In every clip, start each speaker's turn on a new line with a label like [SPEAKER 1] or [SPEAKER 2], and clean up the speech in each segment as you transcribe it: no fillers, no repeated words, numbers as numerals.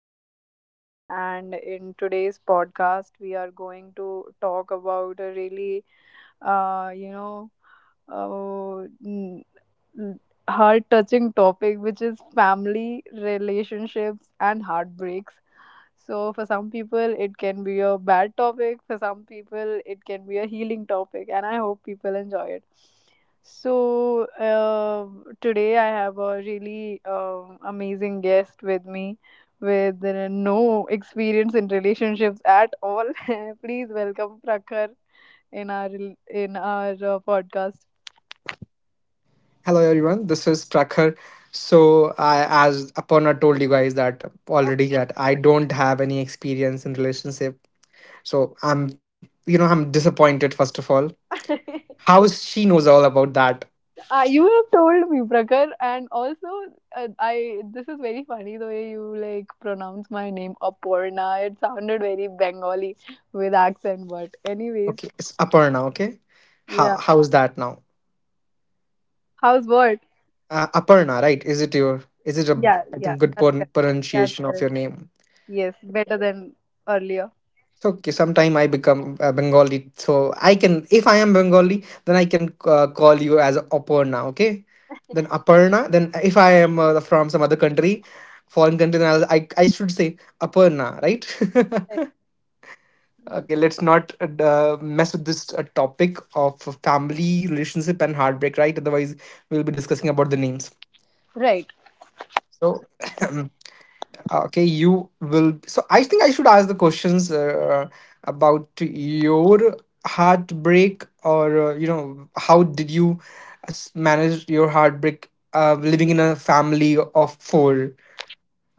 [SPEAKER 1] host for the session, and in today's podcast we are going to talk about a really uh you know uh, n- n- heart touching topic which is family relationships and heartbreaks. So for some people it can be a bad topic, for some people it can be a healing topic, and I hope people enjoy it. So today I have a really amazing guest with me with no experience in relationships at all. Please welcome Prakhar in our in our podcast.
[SPEAKER 2] Hello everyone, this is Prakhar. So I, as Aparna told you guys that
[SPEAKER 1] Of
[SPEAKER 2] already, that I don't have any experience in relationship. So I'm, I'm disappointed first of all.
[SPEAKER 1] course.
[SPEAKER 2] How is she knows all about that?
[SPEAKER 1] You have told me, Prakar, and also I. This is very funny the way you like pronounce my name, Aporna. It sounded very Bengali with accent, but anyways,
[SPEAKER 2] Okay, it's Aparna. Okay, how
[SPEAKER 1] yeah.
[SPEAKER 2] how is that now?
[SPEAKER 1] How's what?
[SPEAKER 2] Aparna, right? Is it your? Is it a?
[SPEAKER 1] Yeah,
[SPEAKER 2] I
[SPEAKER 1] yeah,
[SPEAKER 2] think good
[SPEAKER 1] that's correct. That's
[SPEAKER 2] pronunciation of
[SPEAKER 1] correct.
[SPEAKER 2] your name.
[SPEAKER 1] Yes, better than earlier.
[SPEAKER 2] It's okay. Sometime I become Bengali, so I can. If I am Bengali, then I can call you as Aparna. Okay, then Aparna. Then if I am from some other country, foreign country, then I'll, I should say Aparna, right?
[SPEAKER 1] Right.
[SPEAKER 2] Okay, let's not mess with this topic of family relationship and heartbreak, right? Otherwise, we'll be discussing about the names.
[SPEAKER 1] Right.
[SPEAKER 2] So. Okay, you will. So I think I should ask the questions about your heartbreak, or how did you manage your heartbreak? Living in a family of four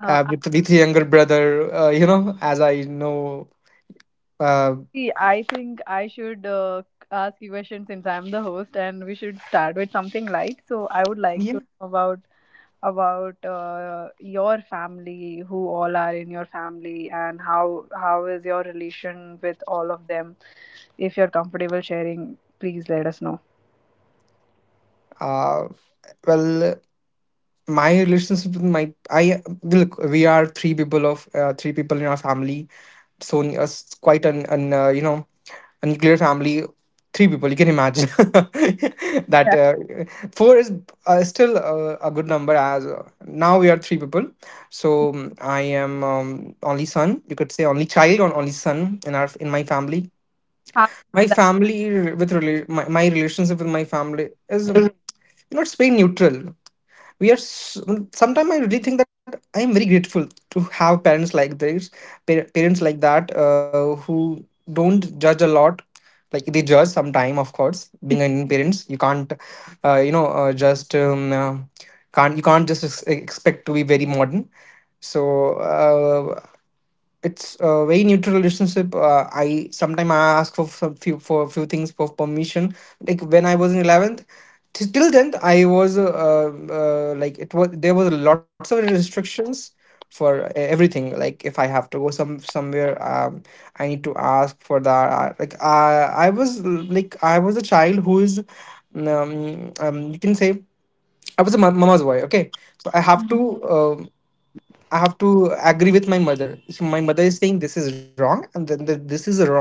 [SPEAKER 1] Uh,
[SPEAKER 2] with a younger brother, as I know, uh,
[SPEAKER 1] Aarti, I think I should ask you questions since I'm the host, and we should start with something light. So I would like
[SPEAKER 2] yeah.
[SPEAKER 1] to know about about your family, who all are in your family, and how is your relation with all of them. If you're comfortable sharing, please let us know.
[SPEAKER 2] Uh, well, my relationship with my, I look, we are three people of three people in our family, so quite an a nuclear family, three people, you can imagine that
[SPEAKER 1] Yeah.
[SPEAKER 2] four is still a good number as now we are three people. So I am only son, you could say only child or only son in our, in my family.
[SPEAKER 1] How
[SPEAKER 2] My
[SPEAKER 1] that?
[SPEAKER 2] family my relationship with my family is it's very neutral. We are sometimes, I really think that I am very grateful to have parents like this, parents like that who don't judge a lot. Like they judge sometime, of course being an Indian parents, you can't you know just can't, you can't just expect to be very modern. So uh, it's a very neutral relationship. I ask for some few for a few things for permission. Like when I was in 11th, till then I was like it was, there was lots of restrictions for everything. Like if I have to go somewhere, I need to ask for that. Like I was, like I was a child who is you can say I was a mama's boy, okay. So I have to um. I have to agree with my mother. If my mother is saying this is wrong, this is wrong.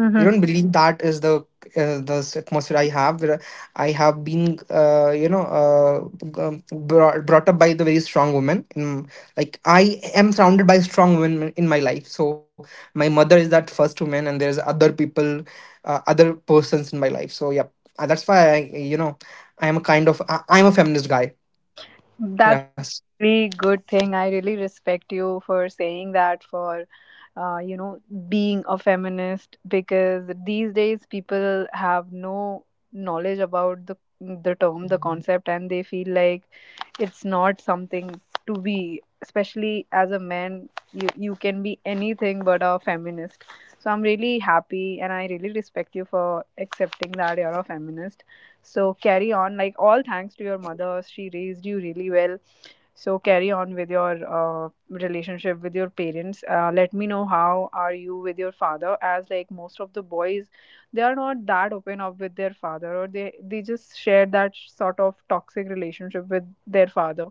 [SPEAKER 2] You don't believe that is the atmosphere I have. Where I have been, brought up by the very strong woman. Like I am surrounded by strong women in my life. So my mother is that first woman, and there's other people, other persons in my life. So yeah, that's why you know, I am a kind of I'm a feminist guy.
[SPEAKER 1] That's
[SPEAKER 2] Yes.
[SPEAKER 1] really good thing. I really respect you for saying that, for uh, you know, being a feminist because these days people have no knowledge about the term, the. Mhm. Concept, and they feel like it's not something to be. Especially as a man, you can be anything but a feminist. So I'm really happy, and I really respect you for accepting that you're a feminist. So carry on. Like all thanks to your mother, she raised you really well, so carry on with your relationship with your parents. Let me know how are you with your father, as like most of the boys, they are not that open up with their father, or they just share that sort of toxic relationship with their father.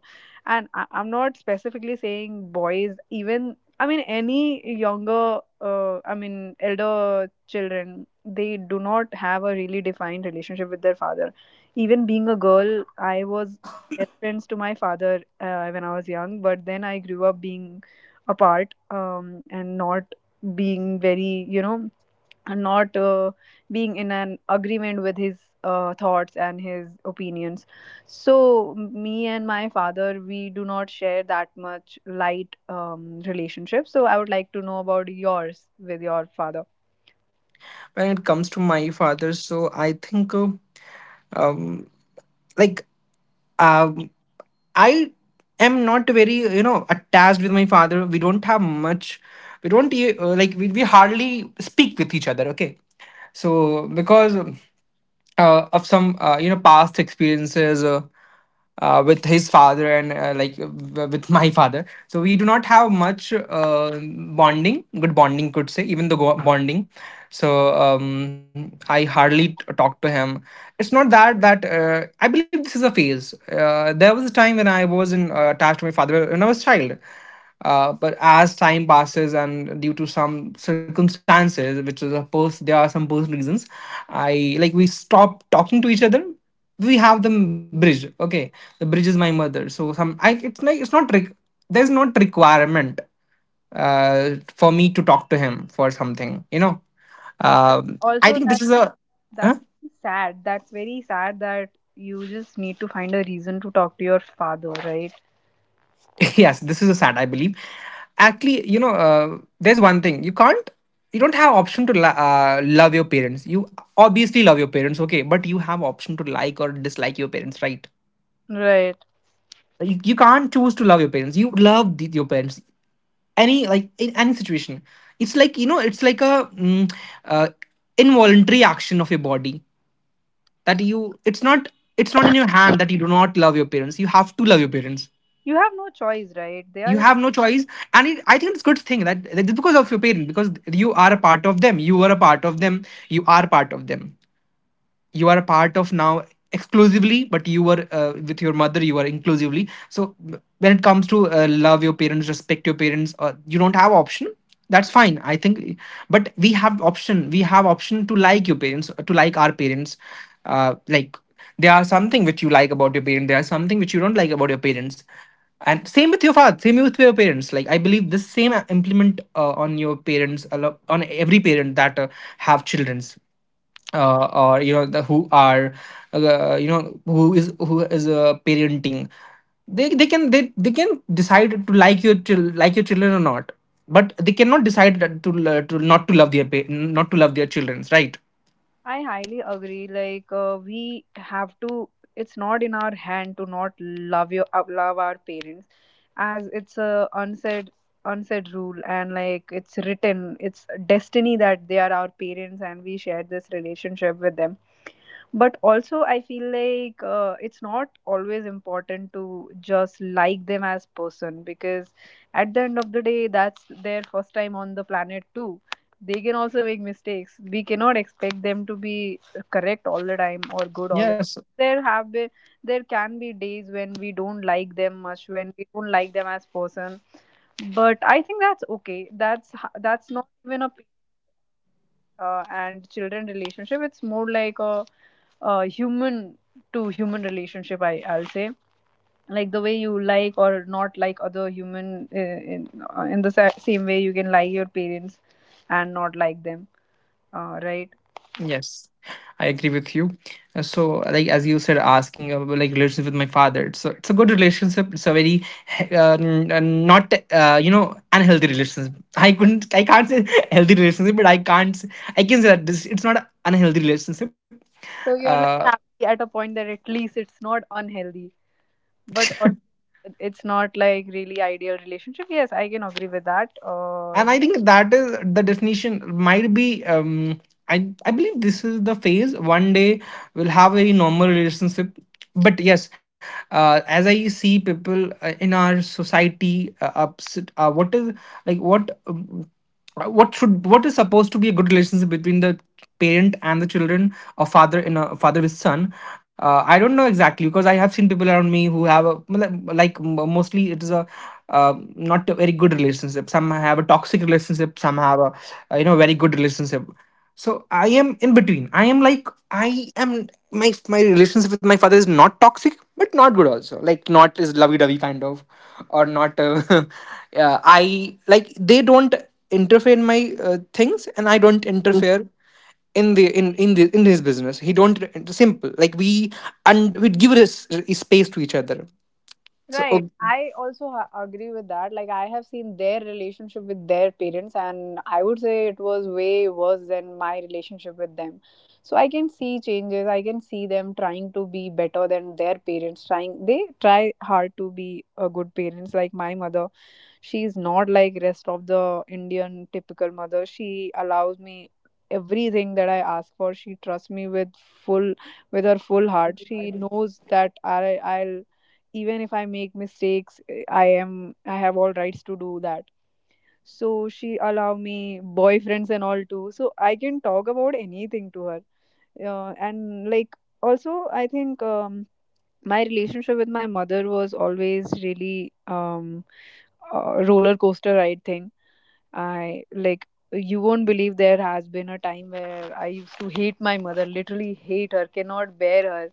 [SPEAKER 1] And I'm not specifically saying boys, even I mean any younger, I mean elder children, they do not have a really defined relationship with their father. Even being a girl, I was best friends to my father when I was young, but then I grew up being apart, and not being very, you know, and not being in an agreement with his thoughts and his opinions. So, me and my father, we do not share that much light relationship. So, I would like to know about yours with your father.
[SPEAKER 2] When it comes to my father, so I think like um I am not very, you know, attached with my father. We don't have much, we don't we hardly speak with each other, okay. So because of some past experiences with his father and with my father, so we do not have much bonding, good bonding could say, even the bonding. So I hardly talk to him. It's not that I believe this is a phase. There was a time when I was attached to my father when I was child, but as time passes and due to some circumstances, which is of course there are some personal reasons, I like we stop talking to each other. We have the bridge. Okay, the bridge is my mother. So some I it's like it's not there's not requirement for me to talk to him for something. You know, I
[SPEAKER 1] Also,
[SPEAKER 2] think
[SPEAKER 1] that
[SPEAKER 2] this is a
[SPEAKER 1] that's
[SPEAKER 2] huh?
[SPEAKER 1] really sad. That's very sad that you just need to find a reason to talk to your father, right?
[SPEAKER 2] Yes, this is a sad, I believe. Actually, you know, there's one thing you can't, you don't have option to love your parents. You obviously love your parents, okay, but you have option to like or dislike your parents, right?
[SPEAKER 1] Right.
[SPEAKER 2] You can't choose to love your parents. You love your parents, any like in any situation. It's like, you know, it's like a uh, involuntary action of your body. That you, it's not, it's not in your hand that you do not love your parents. You have to love your parents.
[SPEAKER 1] You have no choice, right?
[SPEAKER 2] You
[SPEAKER 1] They
[SPEAKER 2] have
[SPEAKER 1] are.
[SPEAKER 2] no choice. And I think it's a good thing that it's because of your parent, because you are a part of them, you are a part of now exclusively, but you were with your mother you are inclusively. So when it comes to love your parents, respect your parents, you don't have option. That's fine, I think. But we have option, to like your parents, to like our parents. uh, like there are something which you like about your parents, there are something which you don't like about your parents. And same with your father, same with your parents. Like I believe this same implement on your parents, a lot on every parent that have children's, or you know the who are, who is, who is parenting. They can decide to like your children or not, but they cannot decide that to not to love their not to love their children, right?
[SPEAKER 1] I highly agree. Like we have to. It's not in our hand to not love your love our parents, as it's a unsaid rule and like it's written. It's destiny that they are our parents and we share this relationship with them. But also I feel like it's not always important to just like them as person, because at the end of the day that's their first time on the planet too. They can also make mistakes. We cannot expect them to be correct all the time or good all the
[SPEAKER 2] Yes.
[SPEAKER 1] time. There have been There can be days when we don't like them much, when we don't like them as person, but I think that's okay. that's h- that's not even a p- And children relationship, it's more like a human to human relationship, I'll say. Like the way you like or not like other human, in, in the same way you can like your parents and not like them, right?
[SPEAKER 2] Yes, I agree with you. So, like as you said, asking about like relationship with my father. So it's a good relationship. It's a very not unhealthy relationship. I can't say healthy relationship, but I can't, s- I can say that this it's not an unhealthy relationship.
[SPEAKER 1] So you're
[SPEAKER 2] Uh,
[SPEAKER 1] like happy at a point that at least it's not unhealthy, but it's not like really ideal relationship. Yes, I can agree with that.
[SPEAKER 2] and I think that is the definition might be i I believe this is the phase. One day we'll have a very normal relationship. But yes, as I see people in our society, ups, what is like what should what is supposed to be a good relationship between the parent and the children, or father in a father with son. I don't know exactly, because I have seen people around me who like mostly it is a not a very good relationship, some have a toxic relationship, some have a, you know very good relationship. So I am in between. I am like I am my My relationship with my father is not toxic, but not good also. Like not is lovey dovey kind of, or not. Yeah, I like they don't interfere in my things, and I don't interfere in the in his business. He don't simple, like we, and we give this space to each other. So
[SPEAKER 1] Right.
[SPEAKER 2] oh,
[SPEAKER 1] I also agree with that. Like, I have seen their relationship with their parents, and I would say it was way worse than my relationship with them. So, I can see changes. I can see them trying to be better than their parents. Trying, they try hard to be a good parents. Like, my mother, she's not like rest of the Indian typical mother. She allows me everything that I ask for. She trusts me with full, with her full heart. She knows that I'll, even if I make mistakes, I am, I have all rights to do that. So she allow me boyfriends and all too, so I can talk about anything to her. And like, also, I think, my relationship with my mother was always really roller coaster ride thing. I, like, you won't believe there has been a time where I used to hate my mother, literally hate her, cannot bear her.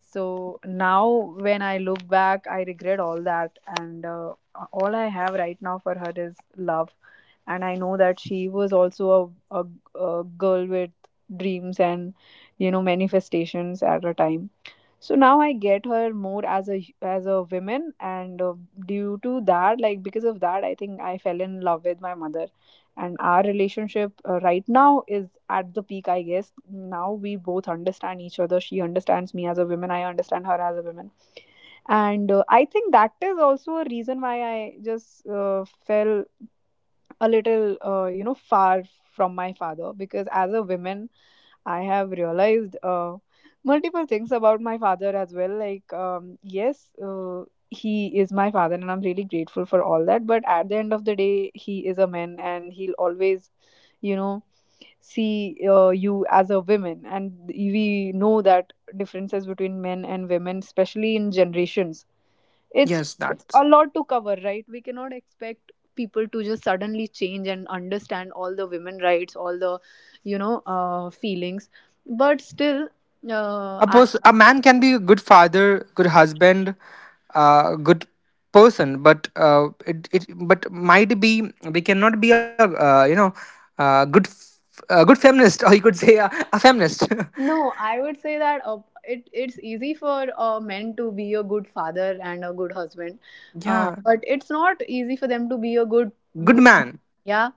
[SPEAKER 1] So now, when I look back, I regret all that, and all I have right now for her is love. And I know that she was also a girl with dreams and, you know, manifestations at her time. So now I get her more as a as a woman, and due to that, like because of that, I think I fell in love with my mother. And our relationship right now is at the peak, I guess. Now we both understand each other. She understands me as a woman, I understand her as a woman. And I think that is also a reason why I just fell a little, you know, far from my father, because as a woman, I have realized multiple things about my father as well. Like, yes, he is my father, and I'm really grateful for all that. But at the end of the day, he is a man, and he'll always, you know, see you as a woman. And we know that differences between men and women, especially in generations,
[SPEAKER 2] yes,
[SPEAKER 1] it's
[SPEAKER 2] that.
[SPEAKER 1] it's a lot to cover, right? We cannot expect people to just suddenly change and understand all the women rights, all the, you know, feelings. But still,
[SPEAKER 2] A
[SPEAKER 1] I
[SPEAKER 2] person, a man, can be a good father, good husband, good person, but it but might be we cannot be a good a good feminist, or you could say a feminist.
[SPEAKER 1] no, I would say that it's easy for a men to be a good father and a good husband,
[SPEAKER 2] Yeah,
[SPEAKER 1] but it's not easy for them to be a good
[SPEAKER 2] good
[SPEAKER 1] good man.
[SPEAKER 2] man.
[SPEAKER 1] Yeah.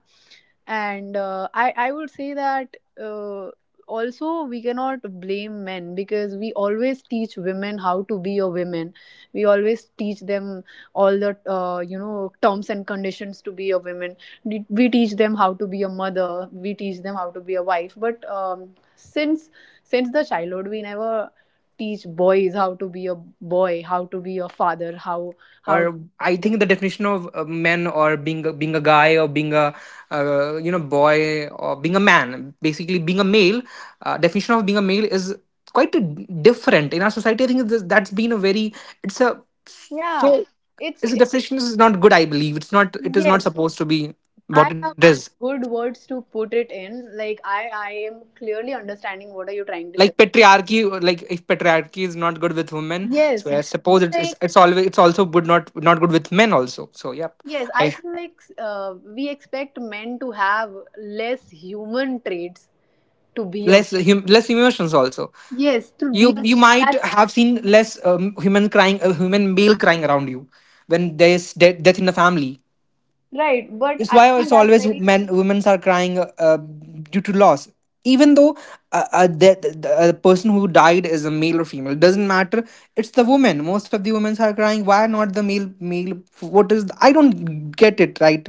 [SPEAKER 1] And I would say that, uh, also we cannot blame men because we always teach women how to be a woman. We always teach them all the, you know, terms and conditions to be a woman. We teach them how to be a mother, we teach them how to be a wife, but, since since the childhood we never teach boys how to be a boy, how to be a father,
[SPEAKER 2] Or
[SPEAKER 1] how
[SPEAKER 2] I
[SPEAKER 1] to.
[SPEAKER 2] think the definition of a man, or being a guy, or being a, boy, or being a man, basically being a male. Definition of being a male is quite a different in our society. I think that's been a very, it's a,
[SPEAKER 1] Yeah.
[SPEAKER 2] so
[SPEAKER 1] it's
[SPEAKER 2] it's a,
[SPEAKER 1] it,
[SPEAKER 2] definition is not good, I believe. It's not, it is not
[SPEAKER 1] yes,
[SPEAKER 2] supposed to be what
[SPEAKER 1] I
[SPEAKER 2] it
[SPEAKER 1] have
[SPEAKER 2] is.
[SPEAKER 1] good words to put it in. Like I am clearly understanding what are you trying to say.
[SPEAKER 2] Like patriarchy, like if patriarchy is not good with women, so
[SPEAKER 1] Yes,
[SPEAKER 2] I
[SPEAKER 1] we
[SPEAKER 2] suppose
[SPEAKER 1] feel like,
[SPEAKER 2] it's always it's also good, not not good with men also, so yep.
[SPEAKER 1] yes, I
[SPEAKER 2] I
[SPEAKER 1] feel like we expect men to have less human traits, to be a,
[SPEAKER 2] Less hum, less emotions also.
[SPEAKER 1] yes, to be
[SPEAKER 2] you
[SPEAKER 1] a
[SPEAKER 2] you
[SPEAKER 1] man.
[SPEAKER 2] might
[SPEAKER 1] That's
[SPEAKER 2] have seen less human crying, a human male crying around you when there is death in the family.
[SPEAKER 1] right, but
[SPEAKER 2] It's
[SPEAKER 1] I
[SPEAKER 2] Why
[SPEAKER 1] think
[SPEAKER 2] it's
[SPEAKER 1] that's
[SPEAKER 2] always
[SPEAKER 1] very.
[SPEAKER 2] men, women are crying due to loss, even though the person who died is a male or female doesn't matter. It's the woman, most of the women are crying. Why not the male, male, what is I don't get it, right?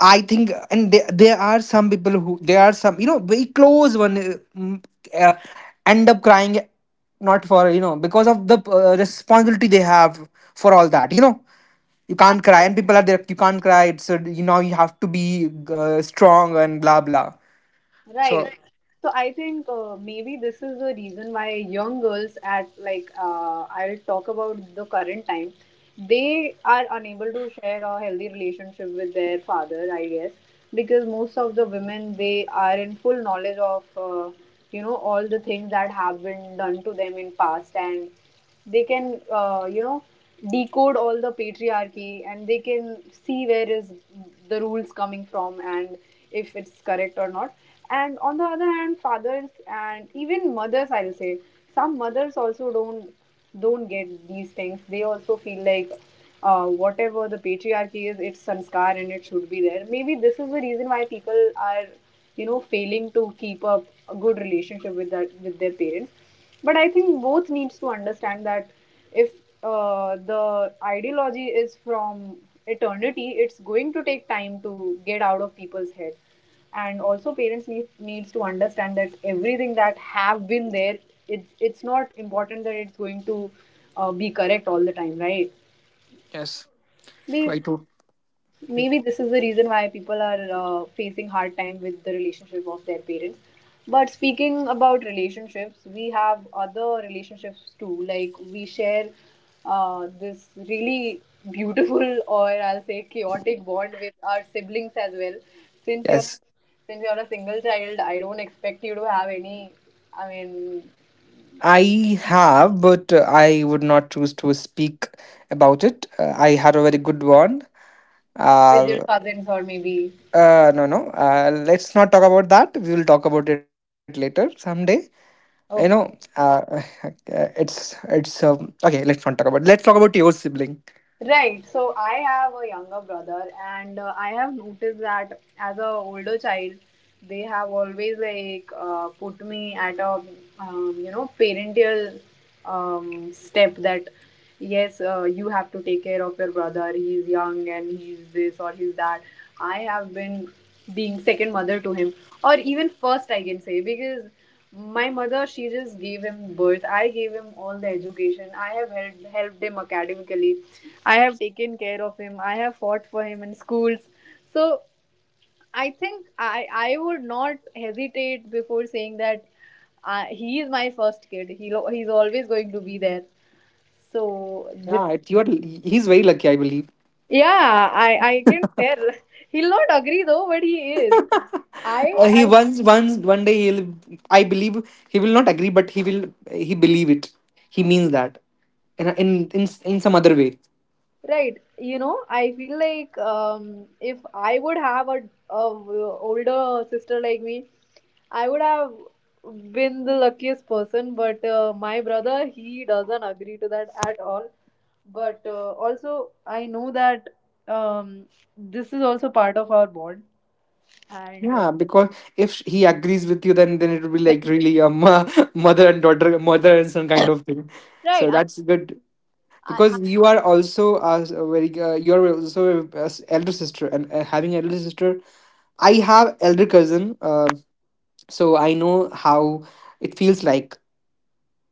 [SPEAKER 2] I think, and there are some people who, there are some you know very close one, uh, end up crying, not for, you know, because of the responsibility they have for all that. You
[SPEAKER 1] I
[SPEAKER 2] can't
[SPEAKER 1] know.
[SPEAKER 2] cry, and people are there. You can't cry. It's you have to be strong and blah blah. So,
[SPEAKER 1] Right. So I think maybe this is the reason why young girls at, like, I'll talk about the current time, they are unable to share a healthy relationship with their father, I guess, because most of the women, they are in full knowledge of you know, all the things that have been done to them in past, and they can, you know, decode all the patriarchy, and they can see where is the rules coming from and if it's correct or not. And on the other hand, fathers, and even mothers I'll say, some mothers also don't get these things. They also feel like whatever the patriarchy is, it's sanskar and it should be there. Maybe this is the reason why people are, you know, failing to keep up a good relationship with that, with their parents. But I think both needs to understand that, if the ideology is from eternity, it's going to take time to get out of people's head. And also parents needs to understand that everything that have been there, it's not important that it's going to be correct all the time, right?
[SPEAKER 2] yes, try
[SPEAKER 1] We,
[SPEAKER 2] to.
[SPEAKER 1] maybe this is the reason why people are facing hard time with the relationship of their parents. But speaking about relationships, we have other relationships too. Like we share this really beautiful, or I'll say chaotic, bond with our siblings as well. since you're
[SPEAKER 2] Yes.
[SPEAKER 1] since you're a single child, I don't expect you to have any, I mean,
[SPEAKER 2] I have, but I would not choose to speak about it. I had a very good one.
[SPEAKER 1] with your
[SPEAKER 2] Uh,
[SPEAKER 1] cousins or maybe,
[SPEAKER 2] No, no. Let's not talk about that. We will talk about it later someday. You know,
[SPEAKER 1] okay.
[SPEAKER 2] uh, it's okay. Let's not talk about. Let's talk about your sibling.
[SPEAKER 1] Right. So I have a younger brother, and I have noticed that as a older child, they have always put me at a parental step that yes, you have to take care of your brother. He's young and he's this or he's that. I have been being second mother to him, or even first, I can say, because my mother, she just gave him birth. I gave him all the education. I have helped him academically. I have taken care of him. I have fought for him in schools. So I think I would not hesitate before saying that he is my first kid. He's always going to be there. So
[SPEAKER 2] Yeah, it's your. He's very lucky, I believe.
[SPEAKER 1] yeah, I can tell. He'll not agree though, but he is.
[SPEAKER 2] He
[SPEAKER 1] I
[SPEAKER 2] once one day he'll. I believe he will not agree, but he will. He believe it. He means that in a- in in some other way.
[SPEAKER 1] Right. You know, I feel like if I would have a w- older sister like me, I would have been the luckiest person. But my brother, he doesn't agree to that at all. But also, I know that um, this is also part of our bond. And
[SPEAKER 2] Yeah, because if he agrees with you, then it will be like really mother and daughter, mother and son kind of thing.
[SPEAKER 1] right,
[SPEAKER 2] So
[SPEAKER 1] I'm,
[SPEAKER 2] that's good
[SPEAKER 1] I,
[SPEAKER 2] because you are also elder sister, and having elder sister, I have elder cousin. So I know how it feels like,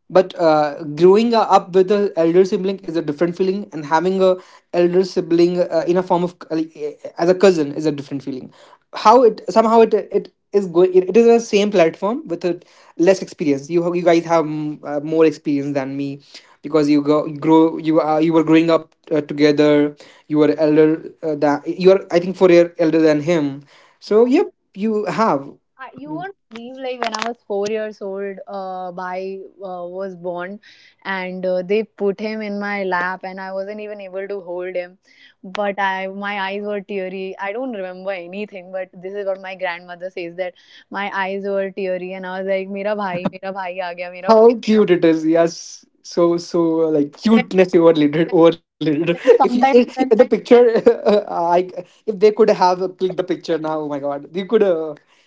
[SPEAKER 2] but growing up with an elder sibling is a different feeling, and having a elder sibling in a form of, like, as a cousin is a different feeling. How it somehow it it is going it, it is the same platform with a less experience. You guys have more experience than me because you were growing up together. You were elder than you are, I think, 4 year elder than him, so,
[SPEAKER 1] I,
[SPEAKER 2] yep. You have.
[SPEAKER 1] I, you won't believe like when I was 4 years old, Bhai was born, and they put him in my lap, and I wasn't even able to hold him. But I, my eyes were teary. I don't remember anything, but this is what my grandmother says that my eyes were teary, and I was like, mera bhai aa gaya, mera."
[SPEAKER 2] How cute it is. Yes. So, like
[SPEAKER 1] Then,
[SPEAKER 2] cuteness overloaded, overloaded.
[SPEAKER 1] then
[SPEAKER 2] If you,
[SPEAKER 1] sometimes
[SPEAKER 2] if
[SPEAKER 1] when
[SPEAKER 2] the picture, uh, I, if they could have clicked the picture now. Oh my God,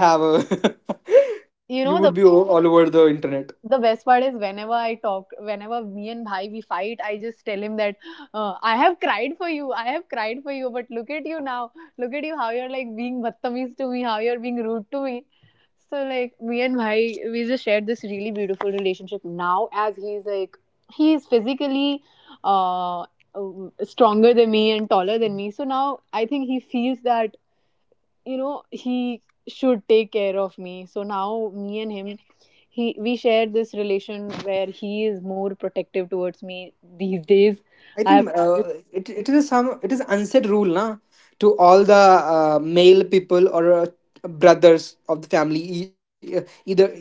[SPEAKER 2] you could have,
[SPEAKER 1] you
[SPEAKER 2] you
[SPEAKER 1] know
[SPEAKER 2] would be all over the internet.
[SPEAKER 1] the best part is whenever I talk, whenever me and Bhai we fight, I just tell him that I have cried for you, I have cried for you, but look at you now, look at you how you're like being battameez to me, how you're being rude to me. So like me and Bhai, we just shared this really beautiful relationship. Now as he's like he is physically uh, uh, stronger than me and taller than me, so now I think he feels that you know he should take care of me, so now me and him he we share this relation where he is more protective towards me these days.
[SPEAKER 2] I
[SPEAKER 1] I have
[SPEAKER 2] think it is unsaid rule na to all the male people or brothers of the family e- uh, either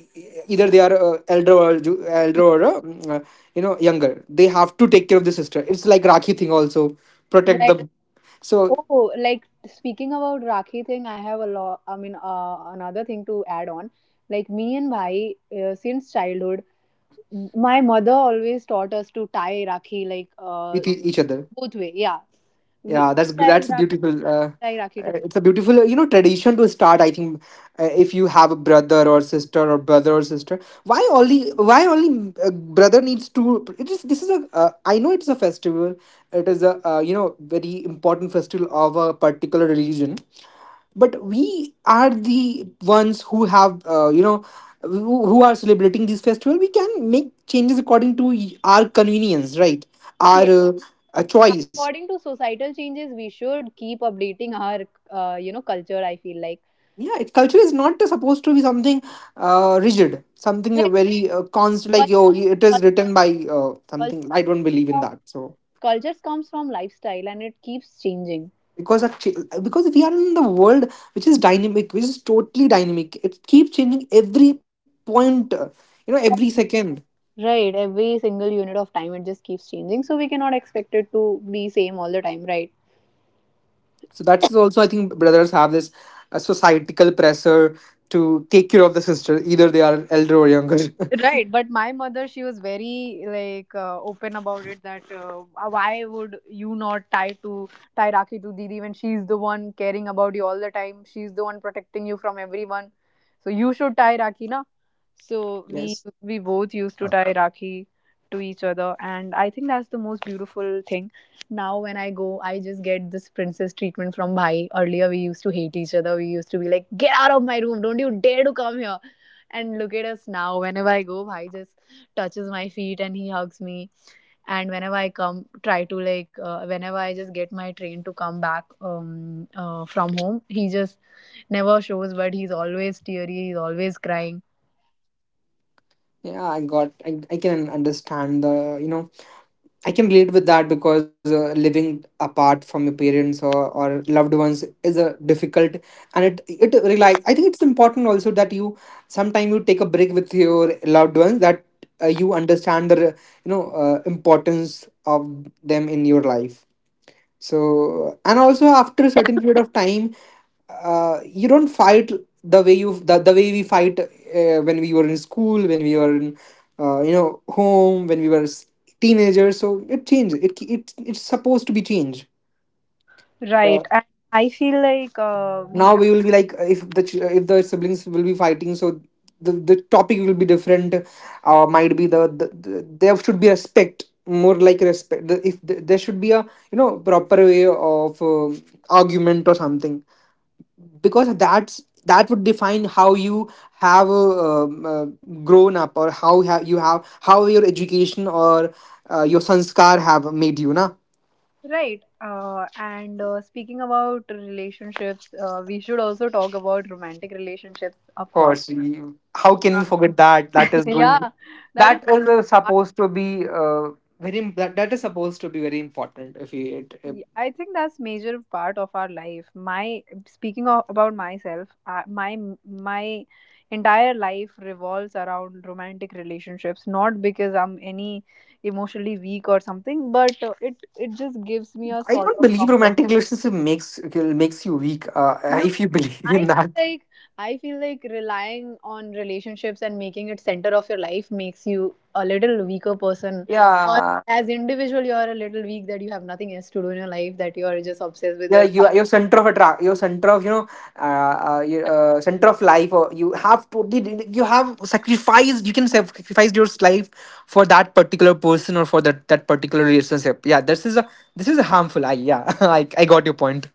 [SPEAKER 2] either they are elder or younger. They have to take care of the sister. It's like Rakhi thing also, protect
[SPEAKER 1] Right.
[SPEAKER 2] the. So
[SPEAKER 1] Oh, like speaking about rakhi thing, I have a lot. I mean, another thing to add on, like me and Bhai, since childhood my mother always taught us to tie rakhi, like
[SPEAKER 2] with each other.
[SPEAKER 1] both way, yeah.
[SPEAKER 2] Yeah,
[SPEAKER 1] we
[SPEAKER 2] that's
[SPEAKER 1] tie rakhi
[SPEAKER 2] beautiful.
[SPEAKER 1] Tie rakhi to
[SPEAKER 2] It's a beautiful tradition to start. I think if you have a brother or sister or brother or sister, why only why only brother needs to? It is, this is a, I know it's a festival. It is a very important festival of a particular religion, but we are the ones who have who are celebrating this festival. We can make changes according to our convenience, right? Our
[SPEAKER 1] him.
[SPEAKER 2] a choice.
[SPEAKER 1] According to societal changes, we should keep updating our, culture. I feel like
[SPEAKER 2] Yeah, culture is not supposed to be something rigid, something
[SPEAKER 1] right.
[SPEAKER 2] very constant, like,
[SPEAKER 1] Cul-
[SPEAKER 2] yo, it is
[SPEAKER 1] cul-
[SPEAKER 2] written by
[SPEAKER 1] cul-
[SPEAKER 2] something. I don't believe in
[SPEAKER 1] com-
[SPEAKER 2] that, so
[SPEAKER 1] Cultures comes from lifestyle, and it keeps changing.
[SPEAKER 2] because of ch- because we are in the world which is dynamic, which is totally dynamic. It keeps changing every point, every second.
[SPEAKER 1] Right, every single unit of time it just keeps changing, so we cannot expect it to be same all the time. Right.
[SPEAKER 2] So that's also, I think, brothers have this societal pressure to take care of the sister, either they are elder or younger.
[SPEAKER 1] Right, but my mother, she was very like open about it that why would you not tie Rakhi to Didi when she's the one caring about you all the time? She's the one protecting you from everyone, so you should tie Rakhi, na? So we
[SPEAKER 2] Yes.
[SPEAKER 1] we both used to tie Rakhi to each other, and I think that's the most beautiful thing. Now when I go, I just get this princess treatment from Bhai. Earlier we used to hate each other. We used to be like, "Get out of my room! Don't you dare to come here!" And look at us now. Whenever I go, Bhai just touches my feet and he hugs me. And whenever I come, try to like, whenever I just get my train to come back from home, he just never shows, but he's always teary, he's always crying.
[SPEAKER 2] Yeah, I got, I can understand the, I can relate with that because living apart from your parents, or loved ones, is a difficult. And it rely, I think it's important also that you sometime, you take a break with your loved ones, that you understand the importance of them in your life. So, and also after a certain period of time, you don't fight the way you, the way we fight when we were in school, when we were in, home, when we were teenagers. So it changes. It's supposed to be changed.
[SPEAKER 1] Right. And I feel like we
[SPEAKER 2] Now
[SPEAKER 1] have.
[SPEAKER 2] we will be like, if the if the siblings will be fighting, so the topic will be different. Might be the, there should be respect, more like respect the, if the, there should be a proper way of argument or something, because that's, that would define how you have grown up, or how you have, how your education or your sanskar have made you, na.
[SPEAKER 1] Right. And Speaking about relationships, we should also talk about romantic relationships, of course.
[SPEAKER 2] Course we, how can we
[SPEAKER 1] Uh,
[SPEAKER 2] forget that? That is going to.
[SPEAKER 1] yeah, that is
[SPEAKER 2] That is supposed to be very that, that is supposed to be very important, if you, it, it.
[SPEAKER 1] Ye- I think that's major part of our life. About myself, my my entire life revolves around romantic relationships. Not because I'm any emotionally weak or something, but it it just gives me a
[SPEAKER 2] I
[SPEAKER 1] sort
[SPEAKER 2] don't
[SPEAKER 1] of
[SPEAKER 2] believe
[SPEAKER 1] comfort.
[SPEAKER 2] romantic relationship makes makes you weak,
[SPEAKER 1] No,
[SPEAKER 2] if you believe
[SPEAKER 1] I
[SPEAKER 2] in that.
[SPEAKER 1] feel like I feel like relying on relationships and making it center of your life makes you a little weaker person, or
[SPEAKER 2] Yeah.
[SPEAKER 1] as individual you're a little weak, that you have nothing else to do in your life, that you're just obsessed with
[SPEAKER 2] Yeah,
[SPEAKER 1] your
[SPEAKER 2] you are your center of attract, your center of, you know, your, center of life, or you have totally, you have sacrificed, you can sacrifice your life for that particular person or for that, that particular relationship. Yeah, this is a, this is a harmful. I, yeah. I got your point.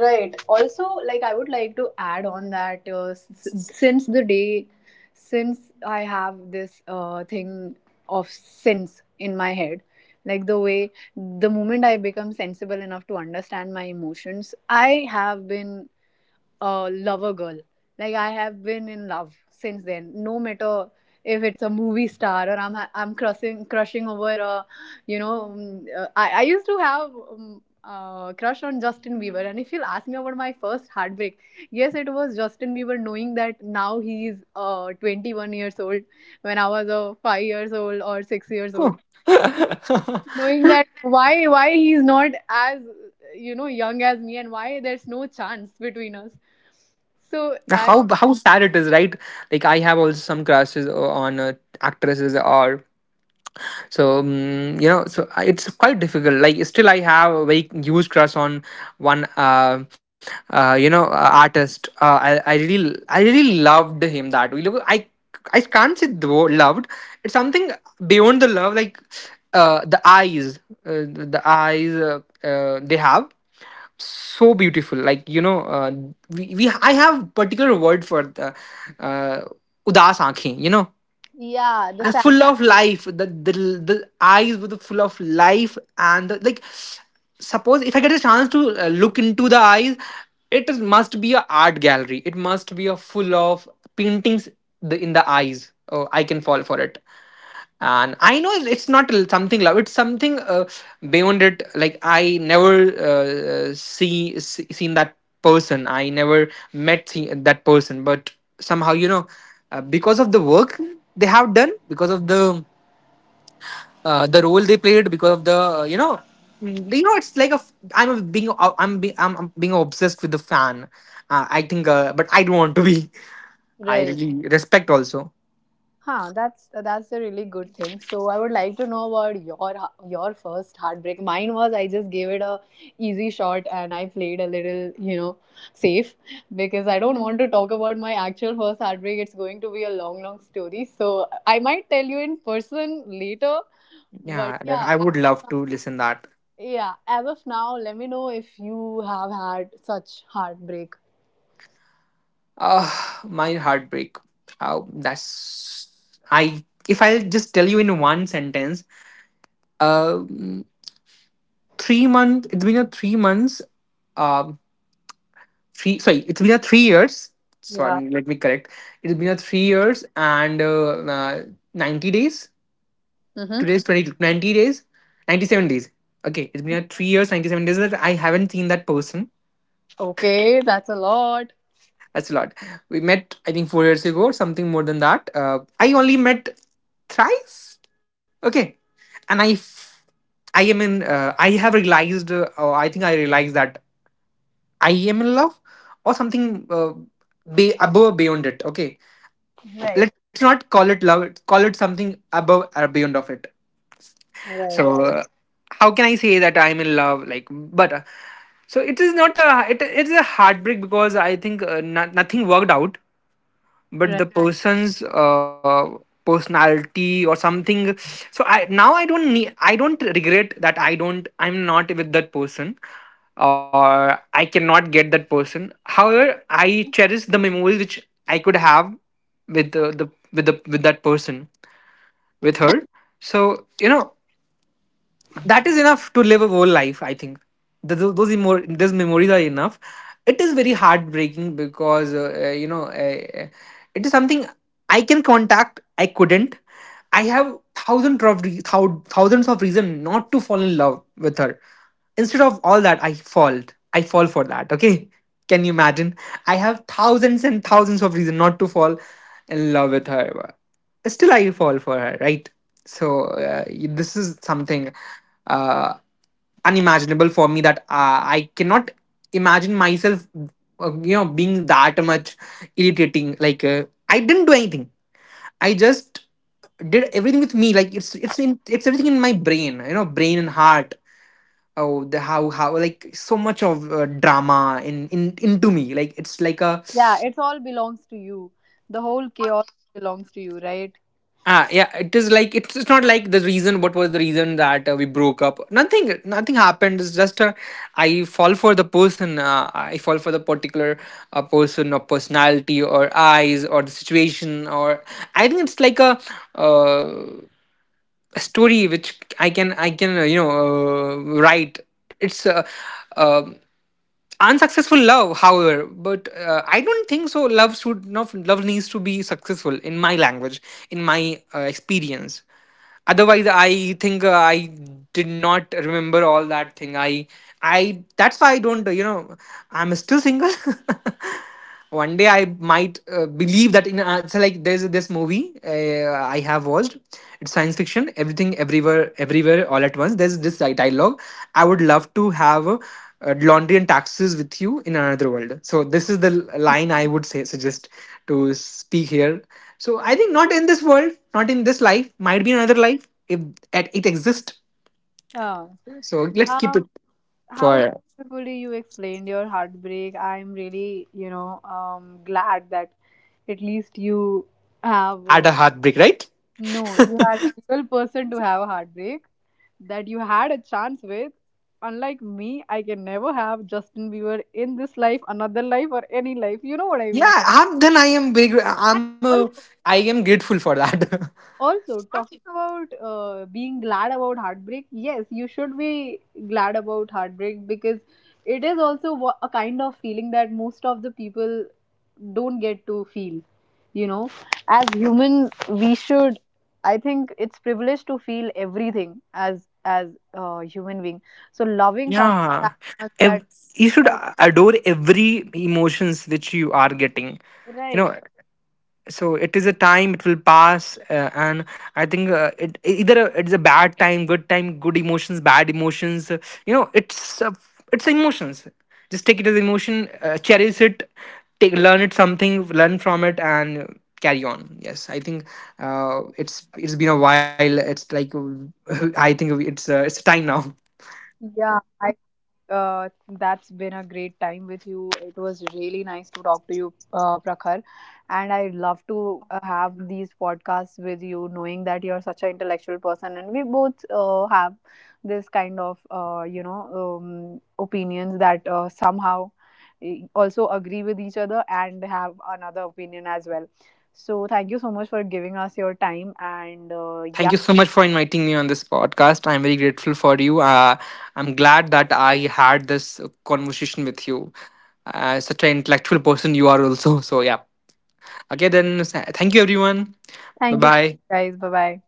[SPEAKER 1] Right. Also, like I would like to add on that since the day, since I have this thing of sense in my head, like the way the moment I become sensible enough to understand my emotions, I have been a lover girl. Like I have been in love since then. No matter if it's a movie star or I'm crushing over a, you know, I used to have. Crush on Justin Bieber, and if you'll ask me about my first heartbreak, yes, it was Justin Bieber. Knowing that now he's 21 years old, when I was 5 years old or 6 years old,
[SPEAKER 2] Huh.
[SPEAKER 1] knowing that why he's not as you know young as me, and why there's no chance between us. So I
[SPEAKER 2] How sad it is, right? Like, I have also some crushes on actresses or so. You know, so I— it's quite difficult. Like, still I have a very huge crush on one, you know, artist. I really loved him that way. Look, I can't say the word loved. It's something beyond the love. Like, the eyes, the eyes, they have so beautiful, like, you know, we, I have particular word for the uh, udas aankhein, you know.
[SPEAKER 1] Yeah, the
[SPEAKER 2] And
[SPEAKER 1] fact.
[SPEAKER 2] full of life, the, the eyes were the full of life. And the, like, suppose if I get a chance to look into the eyes, it is, must be a art gallery, it must be a full of paintings, the, in the eyes. Oh, I can fall for it. And I know it's not something love, it's something beyond it. Like, I never see, see, seen that person. I never met, see, that person. But somehow, you know, because of the work they have done, because of the role they played, because of the it's like a I'm a being. I'm being obsessed with the fan. I think, but I don't want to be. I
[SPEAKER 1] Right.
[SPEAKER 2] really respect also.
[SPEAKER 1] Huh, that's a really good thing. So I would like to know about your first heartbreak. Mine was, I just gave it a easy shot and I played a little, you know, safe, because I don't want to talk about my actual first heartbreak. It's going to be a long, long story, so I might tell you in person later, but
[SPEAKER 2] Yeah,
[SPEAKER 1] yeah.
[SPEAKER 2] I would love to listen that.
[SPEAKER 1] Yeah, as of now, let me know if you have had such heartbreak.
[SPEAKER 2] Ah, my heartbreak. Oh, that's I. If I'll just tell you in one sentence, um, 3 month. It's been a 3 months. Um, Three. Sorry, it's been a 3 years.
[SPEAKER 1] Yeah.
[SPEAKER 2] Sorry, let me correct. It's been a 3 years, and 90 days.
[SPEAKER 1] Mm-hmm.
[SPEAKER 2] Today's 22, 90 days, 97 days. Okay, it's been a 3 years, 97 days that I haven't seen that person.
[SPEAKER 1] Okay, that's a lot.
[SPEAKER 2] That's a lot. We met, I think, 4 years ago or something more than that. I only met thrice. Okay, and I am in. I have realized. Or I think I realized that I am in love, or something be above, beyond it. Okay,
[SPEAKER 1] Right,
[SPEAKER 2] let's not call it love. Call it something above or beyond of it.
[SPEAKER 1] right,
[SPEAKER 2] So, how can I say that I'm in love? Like, but. So it is not a, it is a heartbreak, because I think no, nothing worked out, but
[SPEAKER 1] right.
[SPEAKER 2] the person's personality or something. So, I, now, I don't need, I don't regret that. I don't, I'm not with that person, or I cannot get that person. However, I cherish the memories which I could have with the, with the, with that person, with her. So, you know, that is enough to live a whole life, I think. Those memories are enough. It is very heartbreaking because you know, it is something. I can contact, I couldn't. I have thousands of thousands of reason not to fall in love with her. Instead of all that, I fall. I fall for that. Okay, can you imagine? I have thousands and thousands of reason not to fall in love with her. Still I fall for her, right? So, this is something uh, unimaginable for me, that I cannot imagine myself, you know, being that much irritating. Like, I didn't do anything. I just did everything with me. Like, it's in, it's everything in my brain. You know, brain and heart. Oh, the, how like so much of drama in into me. Like, it's like a.
[SPEAKER 1] Yeah, it all belongs to you. The whole chaos belongs to you, right?
[SPEAKER 2] Ah, yeah, it is like, it's not like the reason. What was the reason that we broke up? Nothing, nothing happened. It's just I fall for the person. I fall for the particular person or personality or eyes or the situation. Or I think it's like uh, a story which I can, I can, you know, write. It's uh, unsuccessful love, however. But I don't think so. Love should not, love needs to be successful, in my language, in my experience. Otherwise, I think I did not remember all that thing. I, that's why I don't, you know, I'm still single. One day I might, believe that in, so, like, there's this movie I have watched. It's science fiction, everything everywhere, everywhere all at once. There's this dialogue I would love to have, laundry and taxes with you in another world. So this is the line I would say, suggest to speak here. So I think, not in this world, not in this life, might be another life, if at it exists.
[SPEAKER 1] Yeah.
[SPEAKER 2] So let's keep
[SPEAKER 1] Um,
[SPEAKER 2] it
[SPEAKER 1] how
[SPEAKER 2] for
[SPEAKER 1] beautifully you explained your heartbreak. I'm really, you know, glad that at least you have.
[SPEAKER 2] at a heartbreak, right?
[SPEAKER 1] No, you had a real person to have a heartbreak. That you had a chance with. Unlike me, I can never have Justin Bieber in this life, another life, or any life. You know what I mean?
[SPEAKER 2] Yeah, I'm then, I am big, I'm a. I am grateful for that.
[SPEAKER 1] Also, talking about being glad about heartbreak, yes, you should be glad about heartbreak because it is also wha- a kind of feeling that most of the people don't get to feel. You know, as human, we should. I think it's privilege to feel everything as a human being. So loving someone
[SPEAKER 2] Yeah.
[SPEAKER 1] that much that,
[SPEAKER 2] Ev- you should
[SPEAKER 1] that
[SPEAKER 2] adore every emotions which you are getting. You
[SPEAKER 1] right,
[SPEAKER 2] know, so it is a time, it will pass, and I think it, either it's a bad time, good time, good emotions, bad emotions, you know, it's, it's emotions. Just take it as emotion, cherish it, take, learn it something, learn from it, and carry on. Yes, I think it's been a while. It's like. I think it's, it's time now.
[SPEAKER 1] yeah. Uh, that's been a great time with you. It was really nice to talk to you, Prakhar. And I love to have these podcasts with you, knowing that you're such an intellectual person, and we both have this kind of opinions that somehow also agree with each other and have another opinion as well. So thank you so much for giving us your time, and
[SPEAKER 2] Thank you
[SPEAKER 1] yeah,
[SPEAKER 2] so much for inviting me on this podcast. I'm very grateful for you. I'm glad that I had this conversation with you. Such an intellectual person you are, also. So, yeah. Okay, then, thank you, everyone. Bye
[SPEAKER 1] thank you, so
[SPEAKER 2] bye.
[SPEAKER 1] much, guys. Bye bye.